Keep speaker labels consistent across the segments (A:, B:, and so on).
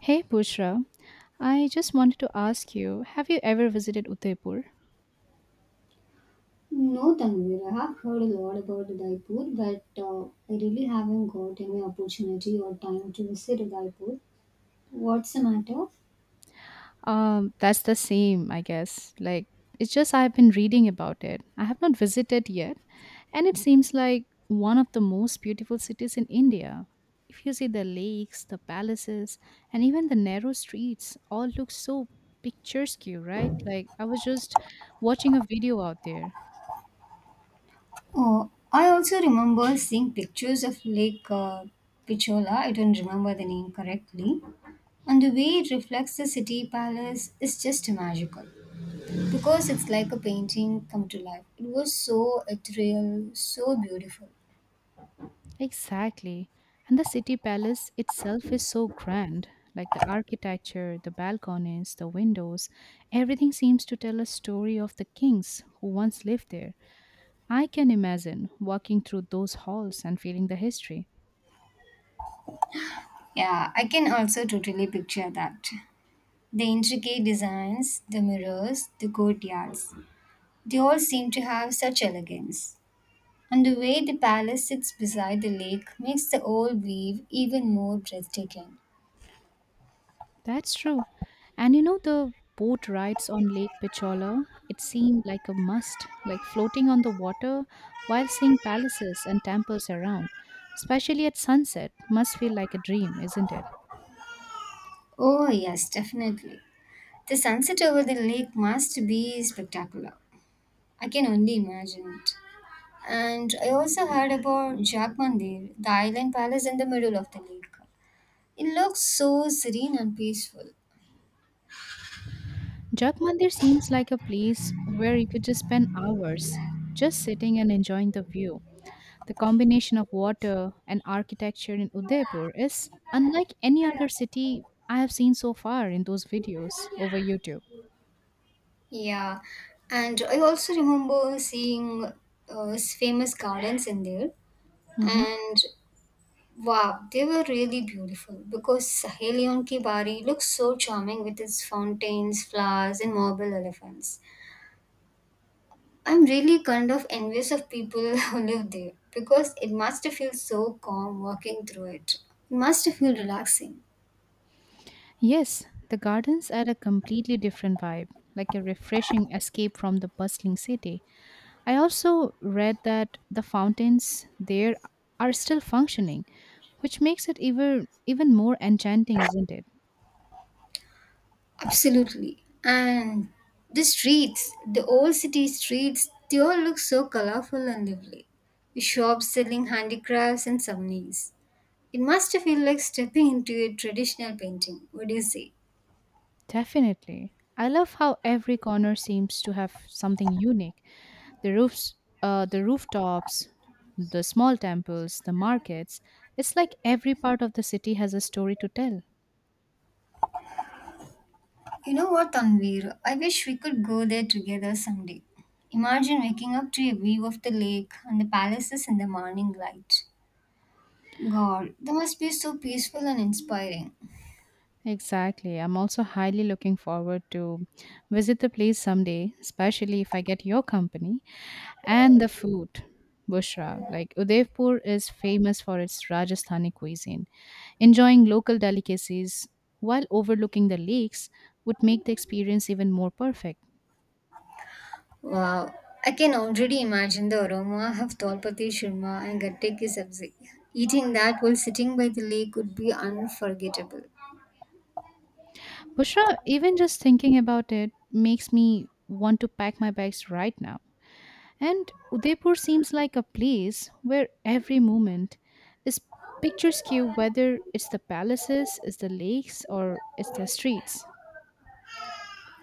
A: Hey Pushra, I just wanted to ask you have you ever visited Udaipur?
B: No, Tanvir, I have heard a lot about Udaipur, but I really haven't got any opportunity or time to visit Udaipur. What's the matter?
A: That's the same, I guess. Like, it's just I've been reading about it. I have not visited yet, and it seems like one of the most beautiful cities in India. If you see the lakes, the palaces, and even the narrow streets, all look so picturesque, right? Like, I was just watching a video out there.
B: Oh, I also remember seeing pictures of Lake Pichola. I don't remember the name correctly. And the way it reflects the city palace is just magical because it's like a painting come to life. It was so ethereal, so beautiful.
A: Exactly. And the city palace itself is so grand. Like the architecture, the balconies, the windows, everything seems to tell a story of the kings who once lived there. I can imagine walking through those halls and feeling the history.
B: Yeah, I can also totally picture that. The intricate designs, the mirrors, the courtyards, they all seem to have such elegance. And the way the palace sits beside the lake makes the whole view even more breathtaking.
A: That's true. And you know, the boat rides on Lake Pichola, it seemed like a must, like floating on the water while seeing palaces and temples around, especially at sunset, must feel like a dream, isn't it?
B: Oh, yes, definitely. The sunset over the lake must be spectacular. I can only imagine it. And I also heard about Jack Mandir, the island palace in the middle of the lake. It looks so serene and peaceful.
A: Jat Mandir seems like a place where you could just spend hours just sitting and enjoying the view. The combination of water and architecture in Udaipur is unlike any other city I have seen so far in those videos over YouTube.
B: Yeah, and I also remember seeing famous gardens in there,
A: Mhm.
B: and wow, they were really beautiful because Sahelion ki Bari looks so charming with its fountains, flowers, and marble elephants. I'm really kind of envious of people who live there because it must feel so calm walking through it. It must feel relaxing.
A: Yes, the gardens add a completely different vibe, like a refreshing escape from the bustling city. I also read that the fountains there are still functioning, which makes it even more enchanting, isn't it?
B: Absolutely. And the streets, the old city streets, they all look so colorful and lively, with shops selling handicrafts and souvenirs. It must feel like stepping into a traditional painting. What do you say?
A: Definitely. I love how every corner seems to have something unique. The roofs, the rooftops, the small temples, the markets. It's like every part of the city has a story to tell.
B: You know what, Tanvir? I wish we could go there together someday. Imagine waking up to a view of the lake and the palaces in the morning light. God, that must be so peaceful and inspiring.
A: Exactly. I'm also highly looking forward to visit the place someday, especially if I get your company and the food. Bushra, like Udaipur is famous for its Rajasthani cuisine. Enjoying local delicacies while overlooking the lakes would make the experience even more perfect.
B: Wow, I can already imagine the aroma of Dolpati Shurma and Gatte Ki Sabzi. Eating that while sitting by the lake would be unforgettable.
A: Bushra, even just thinking about it makes me want to pack my bags right now. And Udaipur seems like a place where every moment is picturesque, whether it's the palaces, it's the lakes, or it's the streets.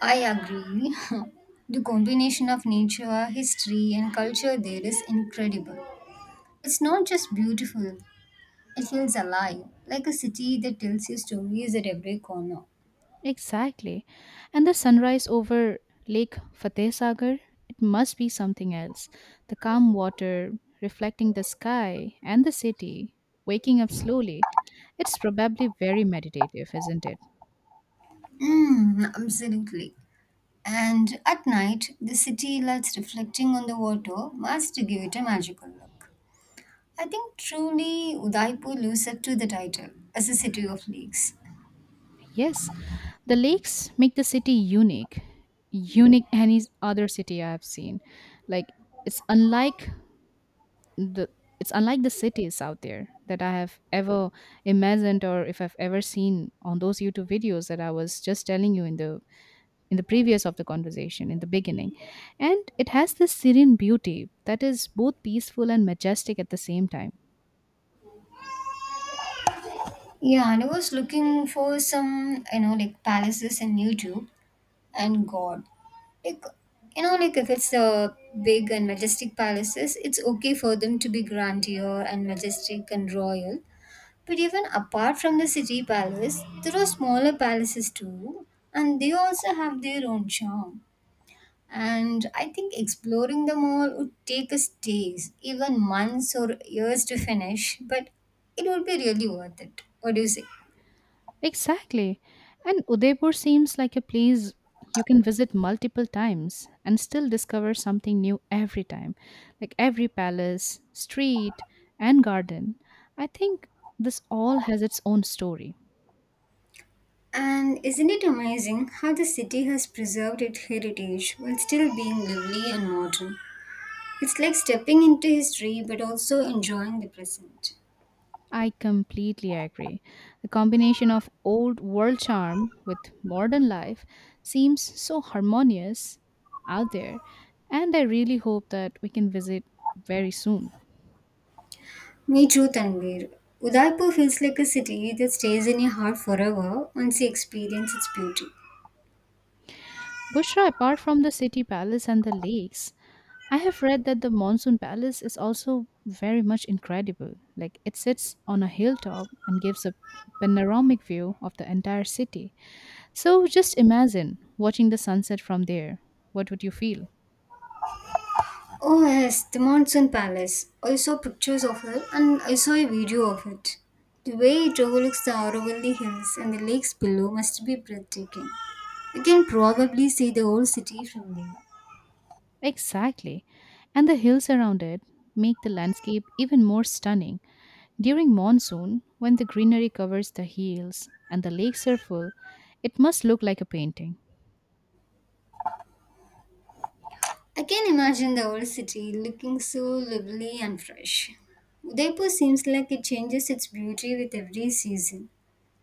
B: I agree. The combination of nature, history, and culture there is incredible. It's not just beautiful, it feels alive, like a city that tells you stories at every corner.
A: Exactly. And the sunrise over Lake Fateh Sagar, it must be something else. The calm water reflecting the sky and the city, waking up slowly. It's probably very meditative, isn't it?
B: Mm, absolutely. And at night, the city lights reflecting on the water must give it a magical look. I think truly Udaipur lives up to the title as a city of lakes.
A: Yes, the lakes make the city unique, unique any other city I have seen. Like it's unlike the it's unlike the cities out there that I have ever imagined or if I've ever seen on those YouTube videos that I was just telling you in the previous of the conversation in the beginning. And it has this serene beauty that is both peaceful and majestic at the same time.
B: Yeah, and I was looking for some, you know, like palaces in YouTube and God. Like, you know, like if it's the big and majestic palaces, it's okay for them to be grandeur and majestic and royal. But even apart from the city palace, there are smaller palaces too, and they also have their own charm. And I think exploring them all would take us days, even months or years to finish, but it would be really worth it. What do you say?
A: Exactly. And Udaipur seems like a place you can visit multiple times and still discover something new every time, like every palace, street, and garden. I think this all has its own story.
B: And isn't it amazing how the city has preserved its heritage while still being lively and modern? It's like stepping into history but also enjoying the present.
A: I completely agree. The combination of old world charm with modern life seems so harmonious out there, and I really hope that we can visit very soon.
B: Me too, Tanvir. Udaipur feels like a city that stays in your heart forever once you experience its beauty.
A: Bushra, apart from the city palace and the lakes, I have read that the Monsoon Palace is also very much incredible. Like it sits on a hilltop and gives a panoramic view of the entire city. So just imagine watching the sunset from there. What would you feel?
B: Oh yes, the Monsoon Palace. I saw pictures of it and I saw a video of it. The way it overlooks the Aravalli Hills and the lakes below must be breathtaking. You can probably see the old city from there.
A: Exactly. And the hills around it make the landscape even more stunning. During monsoon, when the greenery covers the hills and the lakes are full, it must look like a painting.
B: I can imagine the old city looking so lively and fresh. Udaipur seems like it changes its beauty with every season.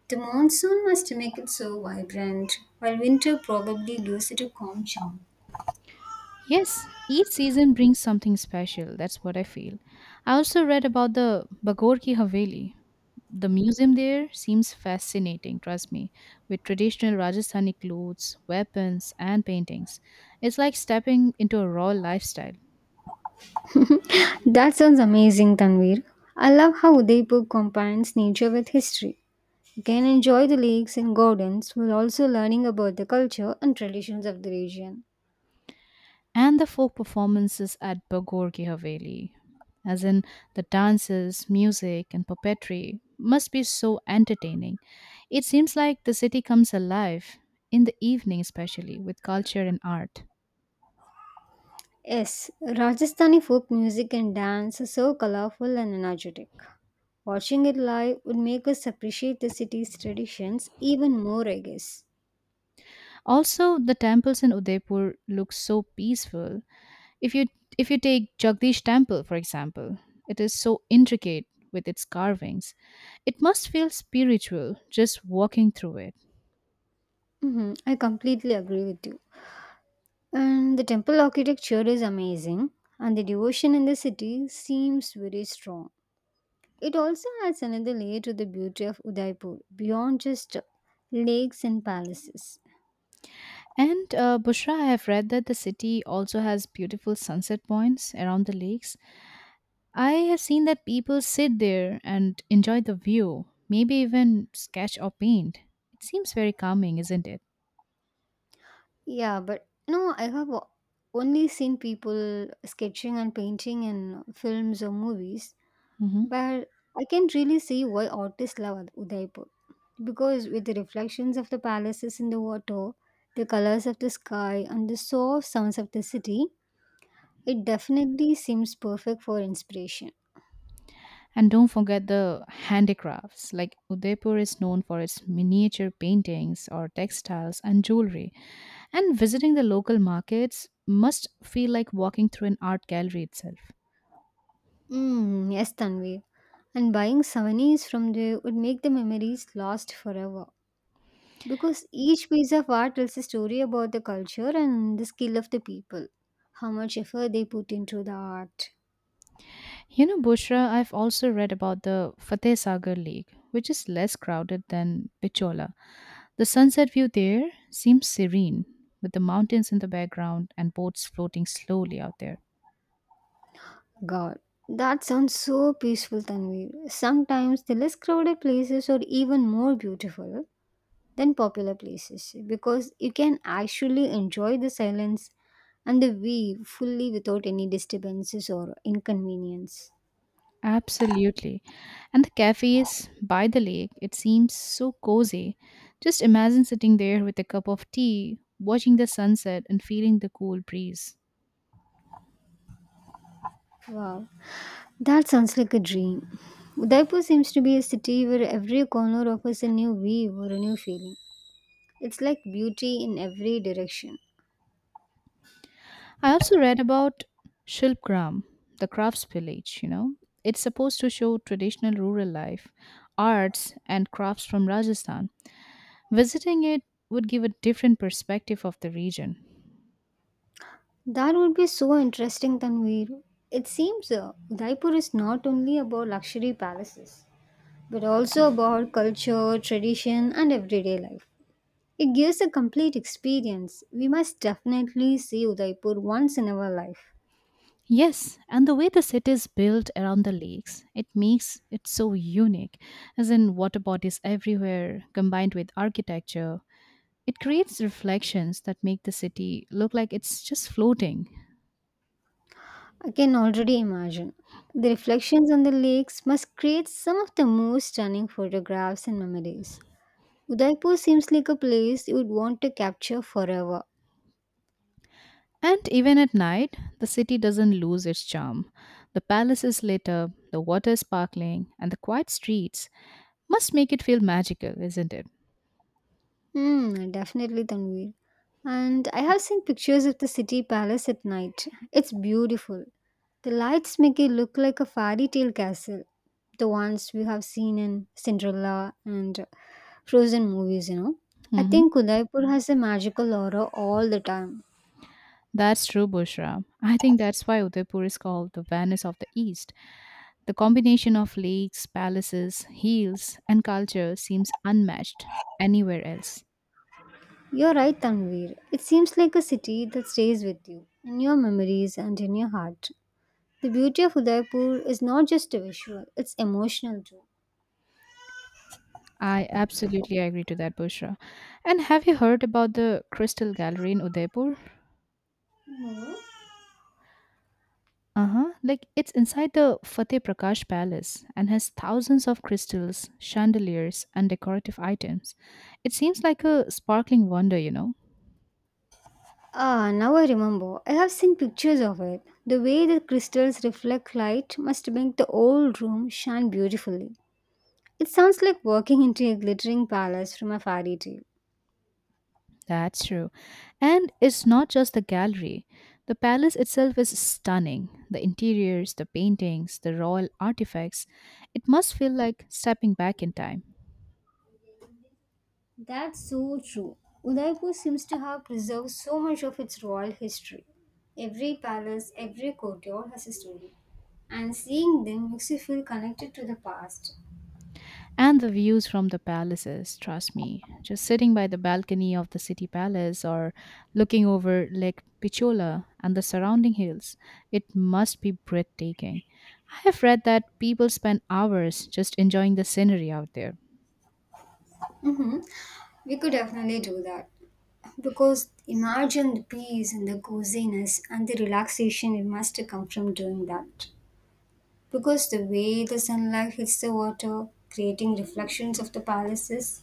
B: The monsoon must make it so vibrant, while winter probably gives it a calm charm.
A: Yes, each season brings something special. That's what I feel. I also read about the Bagor ki Haveli. The museum there seems fascinating, trust me, with traditional Rajasthani clothes, weapons, and paintings. It's like stepping into a raw lifestyle.
B: That sounds amazing, Tanvir. I love how Udaipur combines nature with history. You can enjoy the lakes and gardens while also learning about the culture and traditions of the region.
A: And the folk performances at Bogorgi Haveli, as in the dances, music, and puppetry, must be so entertaining. It seems like the city comes alive in the evening, especially with culture and art.
B: Yes, Rajasthani folk music and dance are so colorful and energetic. Watching it live would make us appreciate the city's traditions even more, I guess.
A: Also, the temples in Udaipur look so peaceful. If you if you take Jagdish Temple, for example, it is so intricate with its carvings. It must feel spiritual just walking through it.
B: Hmm, I completely agree with you. And the temple architecture is amazing, and the devotion in the city seems very strong. It also adds another layer to the beauty of Udaipur beyond just lakes and palaces.
A: And Bushra, I have read that the city also has beautiful sunset points around the lakes. I have seen that people sit there and enjoy the view, maybe even sketch or paint. It seems very calming, isn't it?
B: Yeah, but no, only seen people sketching and painting in films or movies,
A: Hmm.
B: but I can really see why artists love Udaipur because with the reflections of the palaces in the water, the colors of the sky, and the soft sounds of the city, it definitely seems perfect for inspiration.
A: And don't forget the handicrafts. Like Udaipur is known for its miniature paintings or textiles and jewelry. And visiting the local markets must feel like walking through an art gallery itself.
B: Mm, yes, Tanvi. And buying souvenirs from there would make the memories last forever, because each piece of art tells a story about the culture and the skill of the people. How much effort they put into the art.
A: You know, Bushra, I've also read about the Fateh Sagar Lake, which is less crowded than Pichola. The sunset view there seems serene, with the mountains in the background and boats floating slowly out there.
B: God. That sounds so peaceful, Tanvi. Sometimes the less crowded places are even more beautiful than popular places because you can actually enjoy the silence and the view fully without any disturbances or inconvenience.
A: Absolutely. And the cafes by the lake, it seems so cozy. Just imagine sitting there with a cup of tea, watching the sunset and feeling the cool breeze.
B: Wow, that sounds like a dream. Udaipur seems to be a city where every corner offers a new view or a new feeling. It's like beauty in every direction.
A: I also read about Shilpgram, the crafts village, you know. It's supposed to show traditional rural life, arts, and crafts from Rajasthan. Visiting it would give a different perspective of the region.
B: That would be so interesting, Tanvir. It seems Udaipur is not only about luxury palaces, but also about culture, tradition, and everyday life. It gives a complete experience. We must definitely see Udaipur once in our life.
A: Yes, and the way the city is built around the lakes, it makes it so unique, as in water bodies everywhere combined with architecture. It creates reflections that make the city look like it's just floating.
B: I can already imagine. The reflections on the lakes must create some of the most stunning photographs and memories. Udaipur seems like a place you would want to capture forever.
A: And even at night, the city doesn't lose its charm. The palace is lit up, the water is sparkling, and the quiet streets must make it feel magical, isn't it?
B: Hmm, definitely Tanvir. And I have seen pictures of the city palace at night. It's beautiful. The lights make it look like a fairy tale castle. The ones we have seen in Cinderella and Frozen movies, you know. I
A: Hmm.
B: think Udaipur has a magical aura all the time.
A: That's true, Bushra. I think that's why Udaipur is called the Venice of the East. The combination of lakes, palaces, hills, and culture seems unmatched anywhere else.
B: You're right, Tanvir. It seems like a city that stays with you, in your memories and in your heart. The beauty of Udaipur is not just visual, it's emotional too.
A: I absolutely agree to that, Bushra. And have you heard about the Crystal Gallery in Udaipur? Uh-huh. Like it's inside the Fateh Prakash Palace and has thousands of crystals, chandeliers, and decorative items. It seems like a sparkling wonder, you know.
B: Ah, now I remember. I have seen pictures of it. The way the crystals reflect light must make the old room shine beautifully. It sounds like walking into a glittering palace from a fairy tale.
A: That's true. And it's not just the gallery. The palace itself is stunning. The interiors, the paintings, the royal artifacts. It must feel like stepping back in time.
B: That's so true. Udaipur seems to have preserved so much of its royal history. Every palace, every courtyard has a story, and seeing them makes you feel connected to the past.
A: And the views from the palaces, trust me. Just sitting by the balcony of the city palace or looking over Lake Picciola and the surrounding hills, it must be breathtaking. I have read that people spend hours just enjoying the scenery out there.
B: We could definitely do that because imagine the peace and the coziness and the relaxation it must come from doing that. Because the way the sunlight hits the water, creating reflections of the palaces,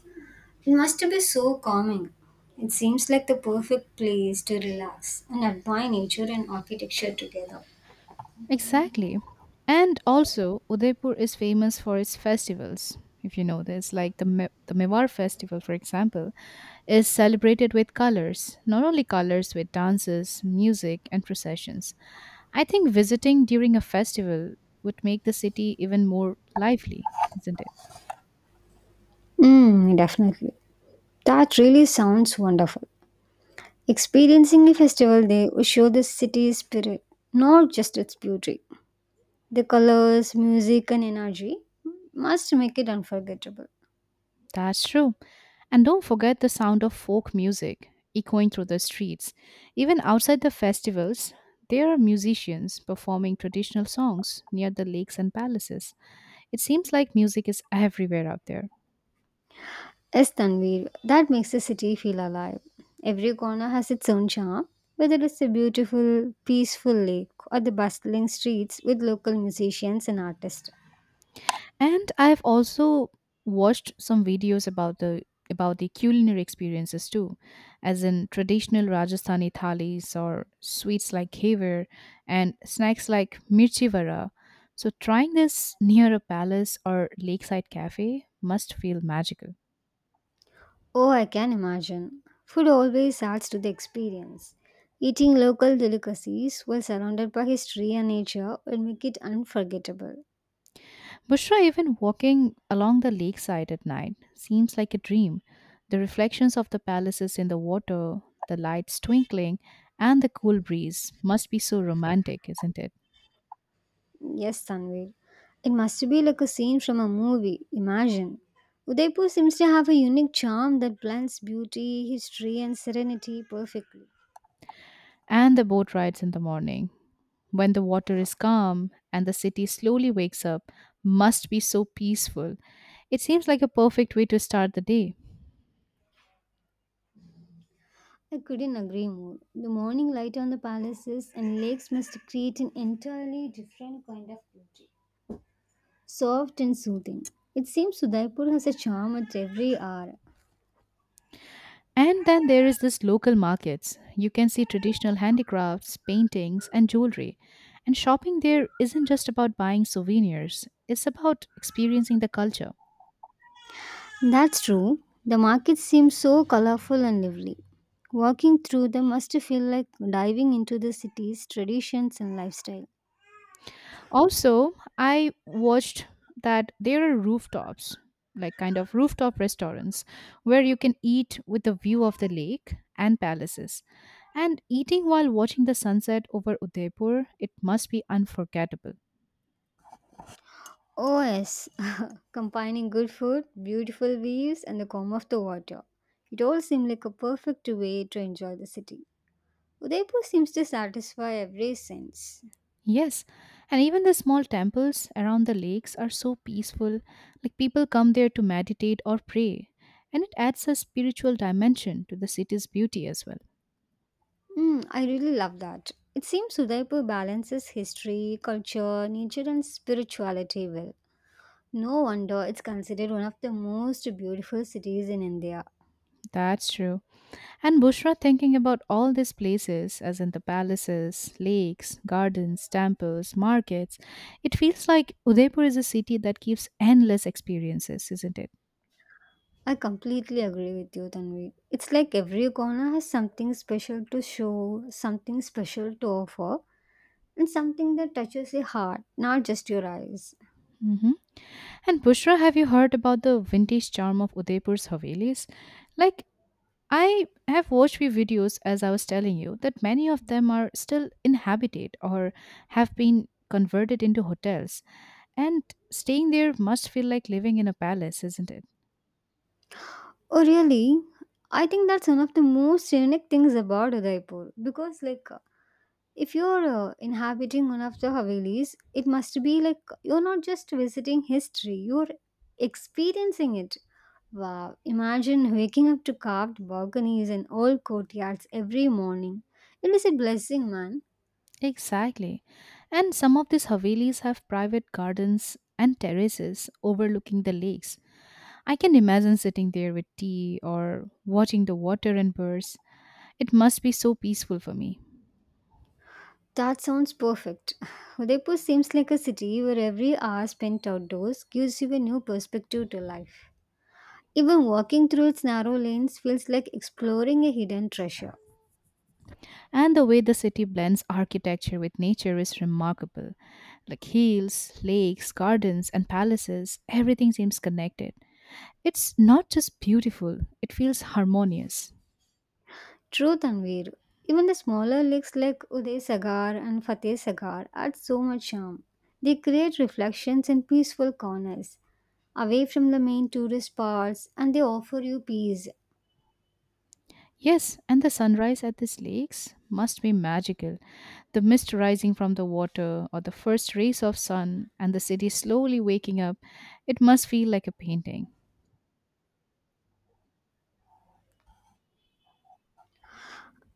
B: it must be so calming. It seems like the perfect place to relax and admire nature and architecture together.
A: Exactly. And also, Udaipur is famous for its festivals. If you know this, like the Mewar festival, for example, is celebrated with colors, not only colors, with dances, music, and processions. I think visiting during a festival would make the city even more lively, isn't it?
B: Mm, definitely. That really sounds wonderful. Experiencing a festival day will show the city's spirit, not just its beauty. The colors, music, and energy must make it unforgettable.
A: That's true. And don't forget the sound of folk music echoing through the streets. Even outside the festivals, there are musicians performing traditional songs near the lakes and palaces. It seems like music is everywhere out there.
B: Yes, Tanvir, that makes the city feel alive. Every corner has its own charm, whether it's the beautiful, peaceful lake or the bustling streets with local musicians and artists.
A: And I've also watched some videos about the culinary experiences too, as in traditional Rajasthani thalis or sweets like khever and snacks like mirchi vada. So trying this near a palace or lakeside cafe must feel magical.
B: Oh, I can imagine. Food always adds to the experience. Eating local delicacies while surrounded by history and nature will make it unforgettable.
A: Bushra, even walking along the lakeside at night seems like a dream. The reflections of the palaces in the water, the lights twinkling, and the cool breeze must be so romantic, isn't it?
B: Yes, Tanvir. It must be like a scene from a movie. Imagine. Udaipur seems to have a unique charm that blends beauty, history, and serenity perfectly.
A: And the boat rides in the morning, when the water is calm and the city slowly wakes up, must be so peaceful. It seems like a perfect way to start the day.
B: I couldn't agree more. The morning light on the palaces and lakes must create an entirely different kind of beauty. Soft and soothing. It seems Udaipur has a charm at every hour.
A: And then there is this local markets. You can see traditional handicrafts, paintings, and jewelry. And shopping there isn't just about buying souvenirs, it's about experiencing the culture.
B: That's true. The markets seem so colorful and lively. Walking through them must feel like diving into the city's traditions and lifestyle.
A: Also, I watched that there are rooftops, like kind of rooftop restaurants, where you can eat with a view of the lake and palaces. And eating while watching the sunset over Udaipur, it must be unforgettable.
B: Oh, yes, combining good food, beautiful views, and the calm of the water. It all seemed like a perfect way to enjoy the city. Udaipur seems to satisfy every sense.
A: Yes, and even the small temples around the lakes are so peaceful, like people come there to meditate or pray. And it adds a spiritual dimension to the city's beauty as well.
B: Mm, I really love that. It seems Udaipur balances history, culture, nature, and spirituality well. No wonder it's considered one of the most beautiful cities in India.
A: That's true. And Bushra thinking about all these places, as in the palaces, lakes, gardens, temples, markets, it feels like Udaipur is a city that gives endless experiences, isn't it?
B: I completely agree with you, Tanvi. It's like every corner has something special to show, something special to offer, and something that touches your heart, not just your eyes.
A: Hmm. And Bushra, have you heard about the vintage charm of Udaipur's Havelis? Like, I have watched few videos, as I was telling you, that many of them are still inhabited or have been converted into hotels. And staying there must feel like living in a palace, isn't it?
B: Oh, really? I think that's one of the most unique things about Udaipur because, like, if you're inhabiting one of the Havelis, it must be like you're not just visiting history, you're experiencing it. Wow, imagine waking up to carved balconies and old courtyards every morning. It is a blessing, man.
A: Exactly. And some of these Havelis have private gardens and terraces overlooking the lakes. I can imagine sitting there with tea or watching the water and birds. It must be so peaceful for me.
B: That sounds perfect. Udaipur seems like a city where every hour spent outdoors gives you a new perspective to life. Even walking through its narrow lanes feels like exploring a hidden treasure.
A: And the way the city blends architecture with nature is remarkable. Like hills, lakes, gardens, and palaces, everything seems connected. It's not just beautiful, it feels harmonious.
B: True, Tanvir. Even the smaller lakes like Uday Sagar and Fateh Sagar add so much charm. They create reflections in peaceful corners, away from the main tourist parts, and they offer you peace.
A: Yes, and the sunrise at these lakes must be magical. The mist rising from the water, or the first rays of sun, and the city slowly waking up, it must feel like a painting.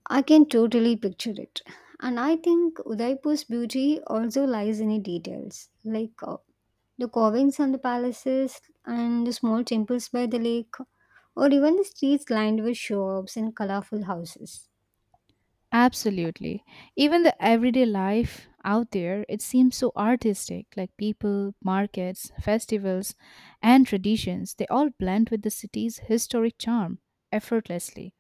B: I can totally picture it. And I think Udaipur's beauty also lies in the details, like the carvings on the palaces and the small temples by the lake, or even the streets lined with shops and colorful houses.
A: Absolutely. Even the everyday life out there, it seems so artistic, like people, markets, festivals, and traditions. They all blend with the city's historic charm effortlessly.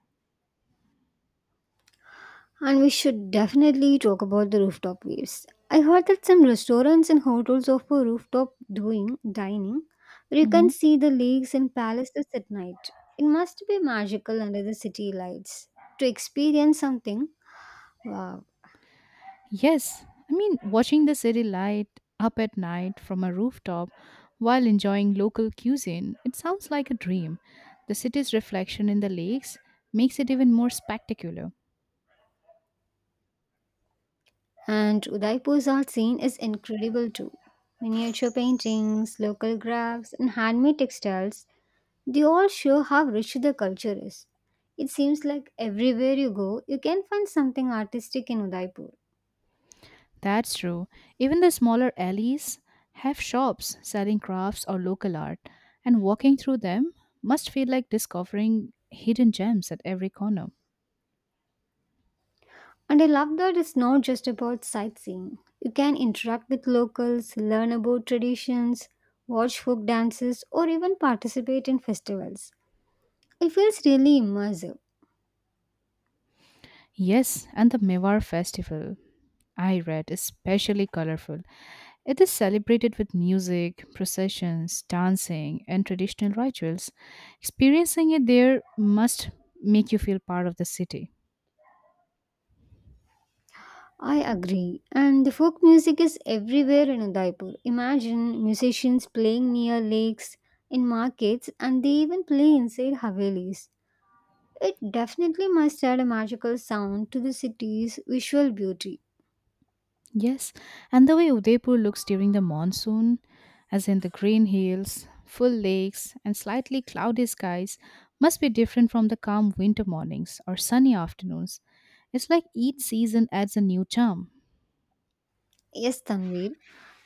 B: And we should definitely talk about the rooftop waves. I heard that some restaurants and hotels offer rooftop doing dining where you can see the lakes and palaces at night. It must be magical under the city lights. To experience something, wow.
A: Yes, I mean, watching the city light up at night from a rooftop while enjoying local cuisine, it sounds like a dream. The city's reflection in the lakes makes it even more spectacular.
B: And Udaipur's art scene is incredible too. Miniature paintings, local crafts, and handmade textiles, they all show how rich the culture is. It seems like everywhere you go, you can find something artistic in Udaipur.
A: That's true. Even the smaller alleys have shops selling crafts or local art, and walking through them must feel like discovering hidden gems at every corner.
B: And I love that it's not just about sightseeing. You can interact with locals, learn about traditions, watch folk dances, or even participate in festivals. It feels really immersive.
A: Yes, and the Mewar festival, I read, is especially colorful. It is celebrated with music, processions, dancing, and traditional rituals. Experiencing it there must make you feel part of the city.
B: I agree. And the folk music is everywhere in Udaipur. Imagine musicians playing near lakes, in markets, and they even play inside havelis. It definitely must add a magical sound to the city's visual beauty.
A: Yes, and the way Udaipur looks during the monsoon, as in the green hills, full lakes, and slightly cloudy skies, must be different from the calm winter mornings or sunny afternoons. It's like each season adds a new charm.
B: Yes, Tanvir.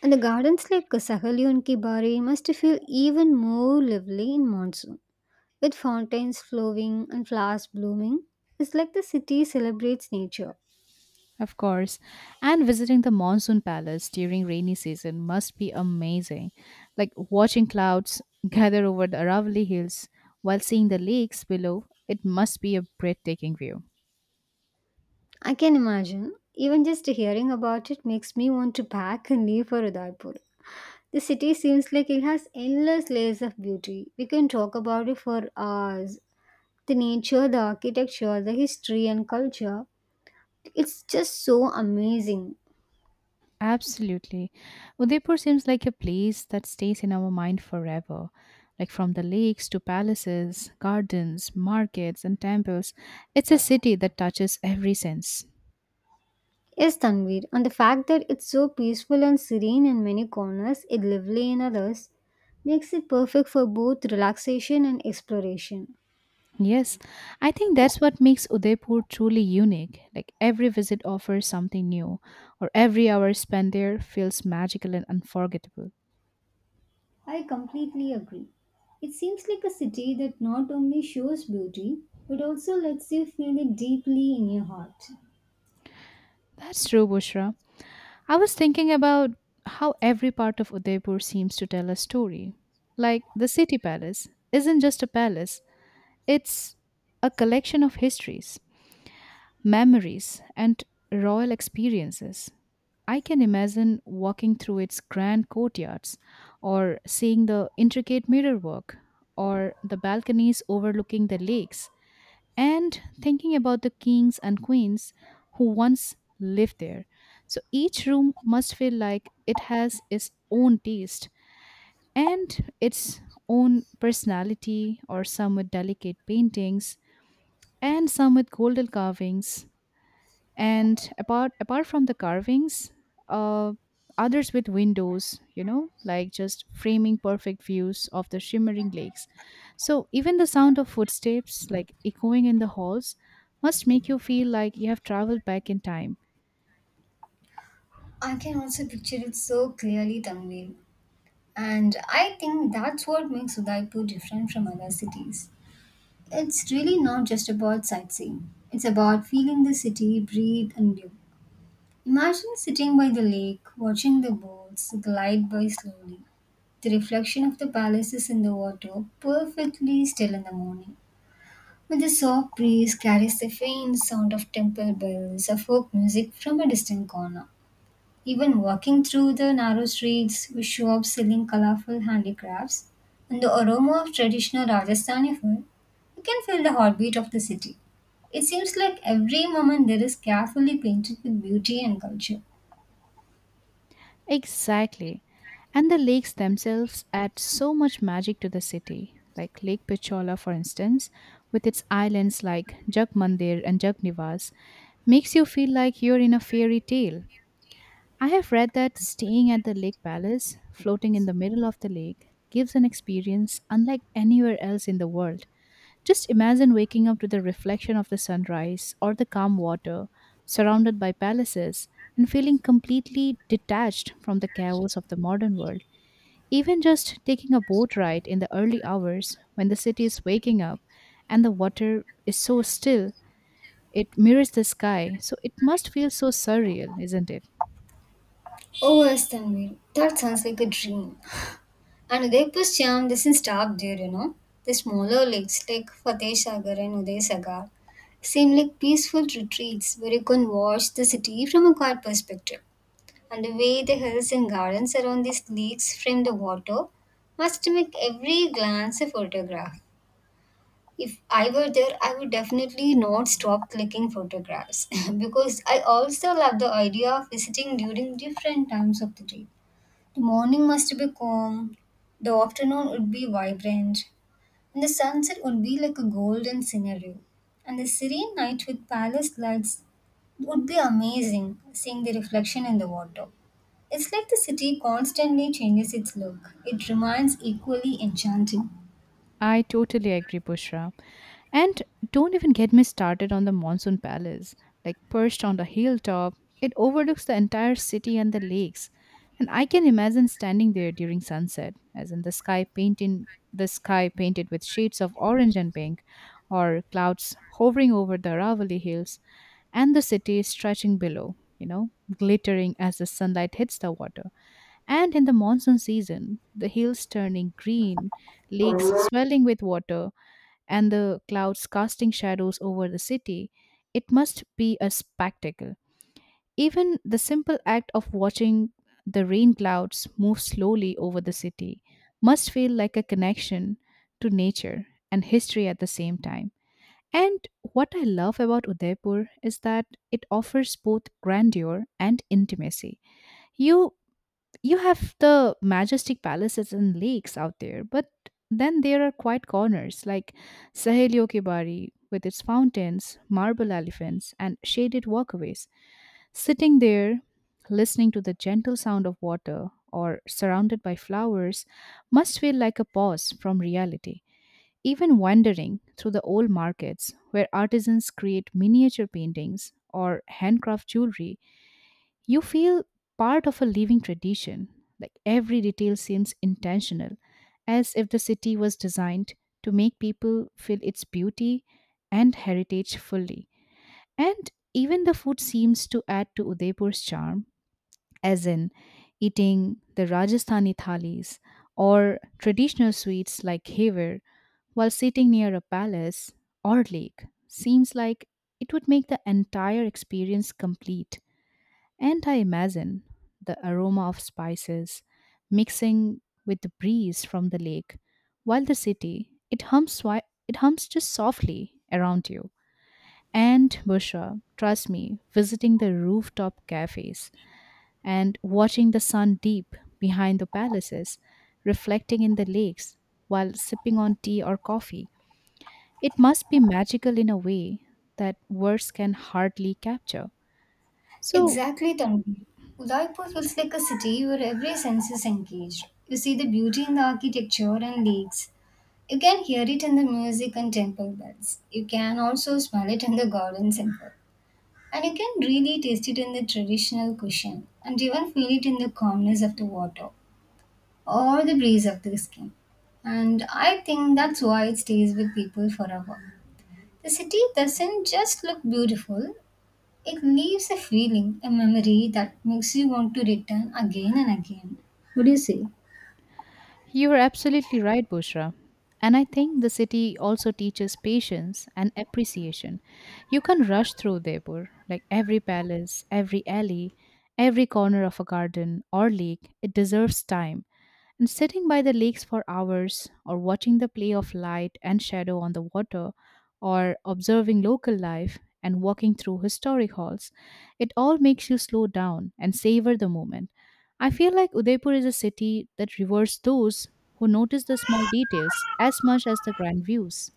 B: And the gardens like Sahelyun Ki Bari must feel even more lively in monsoon. With fountains flowing and flowers blooming, it's like the city celebrates nature.
A: Of course. And visiting the monsoon palace during rainy season must be amazing. Like watching clouds gather over the Aravalli Hills while seeing the lakes below, it must be a breathtaking view.
B: I can imagine. Even just hearing about it makes me want to pack and leave for Udaipur. The city seems like it has endless layers of beauty. We can talk about it for hours. The nature, the architecture, the history and culture. It's just so amazing.
A: Absolutely. Udaipur seems like a place that stays in our mind forever. Like from the lakes to palaces, gardens, markets, and temples, it's a city that touches every sense.
B: Yes, Tanvir, and the fact that it's so peaceful and serene in many corners, yet lively in others, makes it perfect for both relaxation and exploration.
A: Yes, I think that's what makes Udaipur truly unique. Like every visit offers something new, or every hour spent there feels magical and unforgettable.
B: I completely agree. It seems like a city that not only shows beauty, but also lets you feel it deeply in your heart.
A: That's true, Bushra. I was thinking about how every part of Udaipur seems to tell a story. Like the city palace isn't just a palace, it's a collection of histories, memories, and royal experiences. I can imagine walking through its grand courtyards, or seeing the intricate mirrorwork, or the balconies overlooking the lakes, and thinking about the kings and queens who once lived there. So each room must feel like it has its own taste and its own personality, or some with delicate paintings, and some with golden carvings, and apart from the carvings, uh, others with windows, you know, like just framing perfect views of the shimmering lakes. So even the sound of footsteps, like echoing in the halls, must make you feel like you have traveled back in time.
B: I can also picture it so clearly, Tanvir. And I think that's what makes Udaipur different from other cities. It's really not just about sightseeing. It's about feeling the city breathe and live. Imagine sitting by the lake, watching the boats glide by slowly. The reflection of the palaces in the water, perfectly still in the morning. When the soft breeze carries the faint sound of temple bells or folk music from a distant corner. Even walking through the narrow streets with shops selling colorful handicrafts and the aroma of traditional Rajasthani food, you can feel the heartbeat of the city. It seems like every moment there is carefully painted with beauty and culture.
A: Exactly. And the lakes themselves add so much magic to the city, like Lake Pichola for instance, with its islands like Jak Mandir and Jagnivas, makes you feel like you're in a fairy tale. I have read that staying at the lake palace, floating in the middle of the lake, gives an experience unlike anywhere else in the world. Just imagine waking up to the reflection of the sunrise or the calm water, surrounded by palaces, and feeling completely detached from the chaos of the modern world. Even just taking a boat ride in the early hours, when the city is waking up and the water is so still, it mirrors the sky, so it must feel so surreal, isn't it?
B: Oh, yes, Tanvir. That sounds like a dream. And Udaipur charm doesn't stop there. The smaller lakes like Fateh Sagar and Uday Sagar seem like peaceful retreats where you can watch the city from a quiet perspective. And the way the hills and gardens around these lakes frame the water must make every glance a photograph. If I were there, I would definitely not stop clicking photographs because I also love the idea of visiting during different times of the day. The morning must be calm, the afternoon would be vibrant, and the sunset would be like a golden scenery. And the serene night with palace lights would be amazing seeing the reflection in the water. It's like the city constantly changes its look. It remains equally enchanting.
A: I totally agree, Bushra. And don't even get me started on the Monsoon Palace, like perched on the hilltop. It overlooks the entire city and the lakes. And I can imagine standing there during sunset, as in the sky painted with shades of orange and pink, or clouds hovering over the Aravali hills, and the city stretching below, you know, glittering as the sunlight hits the water. And in the monsoon season, the hills turning green, lakes swelling with water, and the clouds casting shadows over the city, it must be a spectacle. Even the simple act of watching the rain clouds move slowly over the city must feel like a connection to nature and history at the same time. And what I love about Udaipur is that it offers both grandeur and intimacy. You you have the majestic palaces and lakes out there, but then there are quiet corners like Saheliyo Ki, with its fountains, marble elephants, and shaded walkways. Sitting there, listening to the gentle sound of water or surrounded by flowers, must feel like a pause from reality. Even wandering through the old markets where artisans create miniature paintings or handcraft jewelry, you feel part of a living tradition. Like every detail seems intentional, as if the city was designed to make people feel its beauty and heritage fully. And even the food seems to add to Udaipur's charm, as in eating the Rajasthani thalis or traditional sweets like khever while sitting near a palace or lake, seems like it would make the entire experience complete. And I imagine the aroma of spices mixing with the breeze from the lake while the city, it hums just softly around you. And Busha, trust me, visiting the rooftop cafes and watching the sun deep behind the palaces, reflecting in the lakes while sipping on tea or coffee. It must be magical in a way that words can hardly capture. So,
B: Exactly, Tanvi. Udaipur feels like a city where every sense is engaged. You see the beauty in the architecture and lakes. You can hear it in the music and temple bells. You can also smell it in the garden simple. And you can really taste it in the traditional cushion and even feel it in the calmness of the water or the breeze of the skin. And I think that's why it stays with people forever. The city doesn't just look beautiful, it leaves a feeling, a memory that makes you want to return again and again. What do you say?
A: you're absolutely right, Bushra. And I think the city also teaches patience and appreciation. You can rush through Jaipur, like every palace, every alley, every corner of a garden or lake, it deserves time. And sitting by the lakes for hours, or watching the play of light and shadow on the water, or observing local life and walking through historic halls, it all makes you slow down and savor the moment. I feel like Udaipur is a city that rewards those who notice the small details as much as the grand views.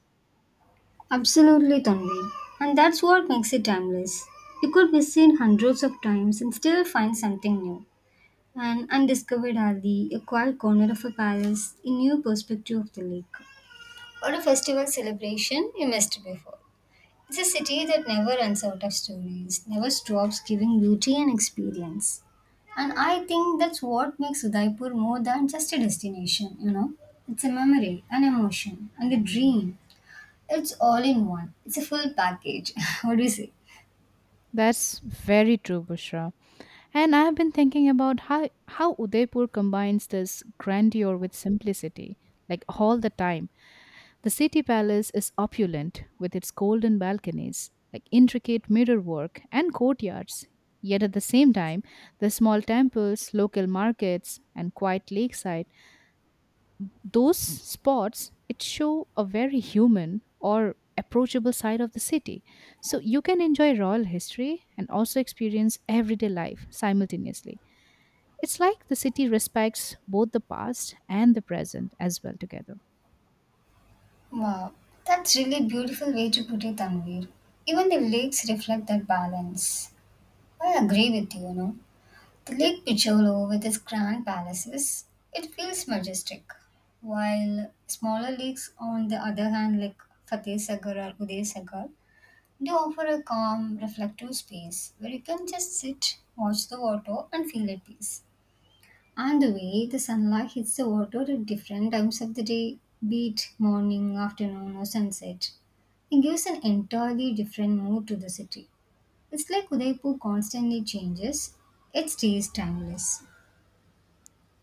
B: Absolutely, Tanvi. And that's what makes it timeless. It could be seen hundreds of times and still find something new. An undiscovered alley, a quiet corner of a palace, a new perspective of the lake. Or a festival celebration you missed before. It's a city that never runs out of stories, never stops giving beauty and experience. And I think that's what makes Udaipur more than just a destination? It's a memory, an emotion, and a dream. It's all in one. It's a full package. What do you say?
A: That's very true, Bushra. And I have been thinking about how Udaipur combines this grandeur with simplicity. Like all the time, the city palace is opulent with its golden balconies, like intricate mirror work and courtyards. Yet at the same time, the small temples, local markets, and quiet lakeside, those spots it show a very human or approachable side of the city. So you can enjoy royal history and also experience everyday life simultaneously. It's like the city respects both the past and the present as well together.
B: Wow, that's really beautiful way to put it, Tanvir. Even the lakes reflect that balance. I agree with you, you know. The Lake Picholo with its grand palaces, it feels majestic. While smaller lakes, on the other hand, like Fateh Sagar or Uday Sagar, they offer a calm, reflective space where you can just sit, watch the water, and feel at peace. And the way the sunlight hits the water at different times of the day, be it morning, afternoon, or sunset, it gives an entirely different mood to the city. It's like Udaipur constantly changes, it stays timeless.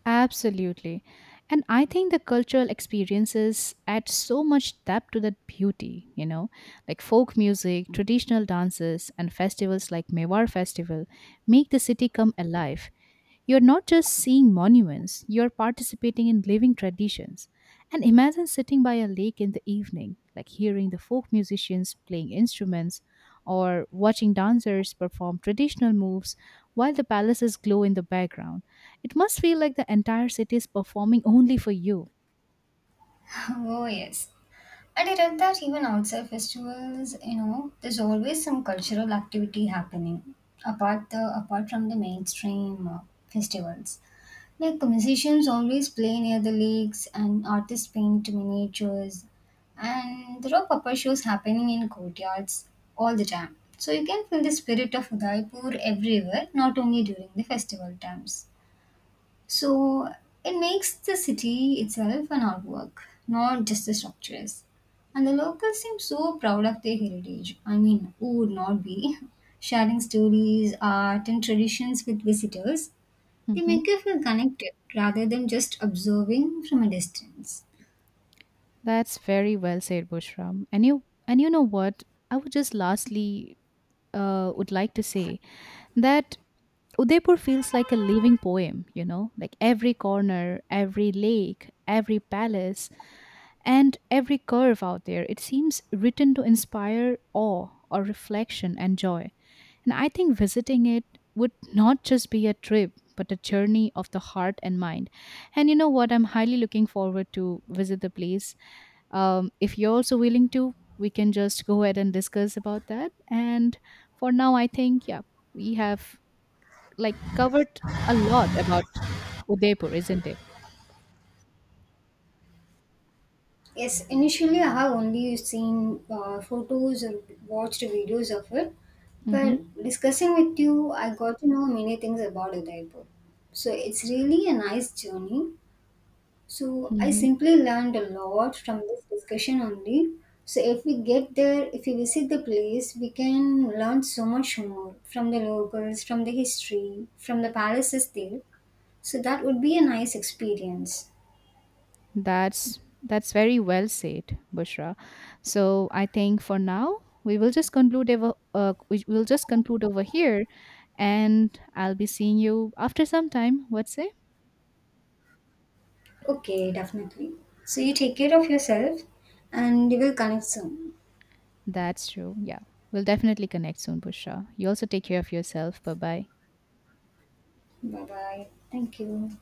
A: Absolutely. And I think the cultural experiences add so much depth to that beauty, you know, like folk music, traditional dances, and festivals like Mewar Festival make the city come alive. You're not just seeing monuments, you're participating in living traditions. And imagine sitting by a lake in the evening, like hearing the folk musicians playing instruments or watching dancers perform traditional moves while the palaces glow in the background. It must feel like the entire city is performing only for you.
B: Oh, yes. And I read that even outside festivals, you know, there's always some cultural activity happening apart from the mainstream festivals. Like musicians always play near the lakes and artists paint miniatures and there are puppet shows happening in courtyards all the time. So you can feel the spirit of Udaipur everywhere, not only during the festival times. So it makes the city itself an artwork, not just the structures. And the locals seem so proud of their heritage. I mean, who would not be? Sharing stories, art, and traditions with visitors, they
A: Hmm.
B: make you feel connected rather than just observing from a distance.
A: That's very well said, Bushram. And you know what? I would just lastly, would like to say that Udaipur feels like a living poem, you know, like every corner, every lake, every palace, and every curve out there. It seems written to inspire awe or reflection and joy. And I think visiting it would not just be a trip, but a journey of the heart and mind. And you know what? I'm highly looking forward to visit the place. If you're also willing to, we can just go ahead and discuss about that. And for now, I think, yeah, we have like covered a lot about Udaipur, isn't it?
B: Yes, initially I have only seen photos or watched videos of it,
A: Mm-hmm.
B: but discussing with you, I got to know many things about Udaipur. So it's really a nice journey. So I
A: Mm-hmm.
B: simply learned a lot from this discussion only. So if we get there, if we visit the place, we can learn so much more from the locals, from the history, from the palaces there. So that would be a nice experience.
A: That's very well said, Bushra. So I think for now we will just conclude over. We will just conclude over here, and I'll be seeing you after some time. What say?
B: Okay, definitely. So you take care of yourself and we will connect soon.
A: That's true. Yeah, we'll definitely connect soon, Bushra. You also take care of yourself. Bye bye.
B: Bye bye. Thank you.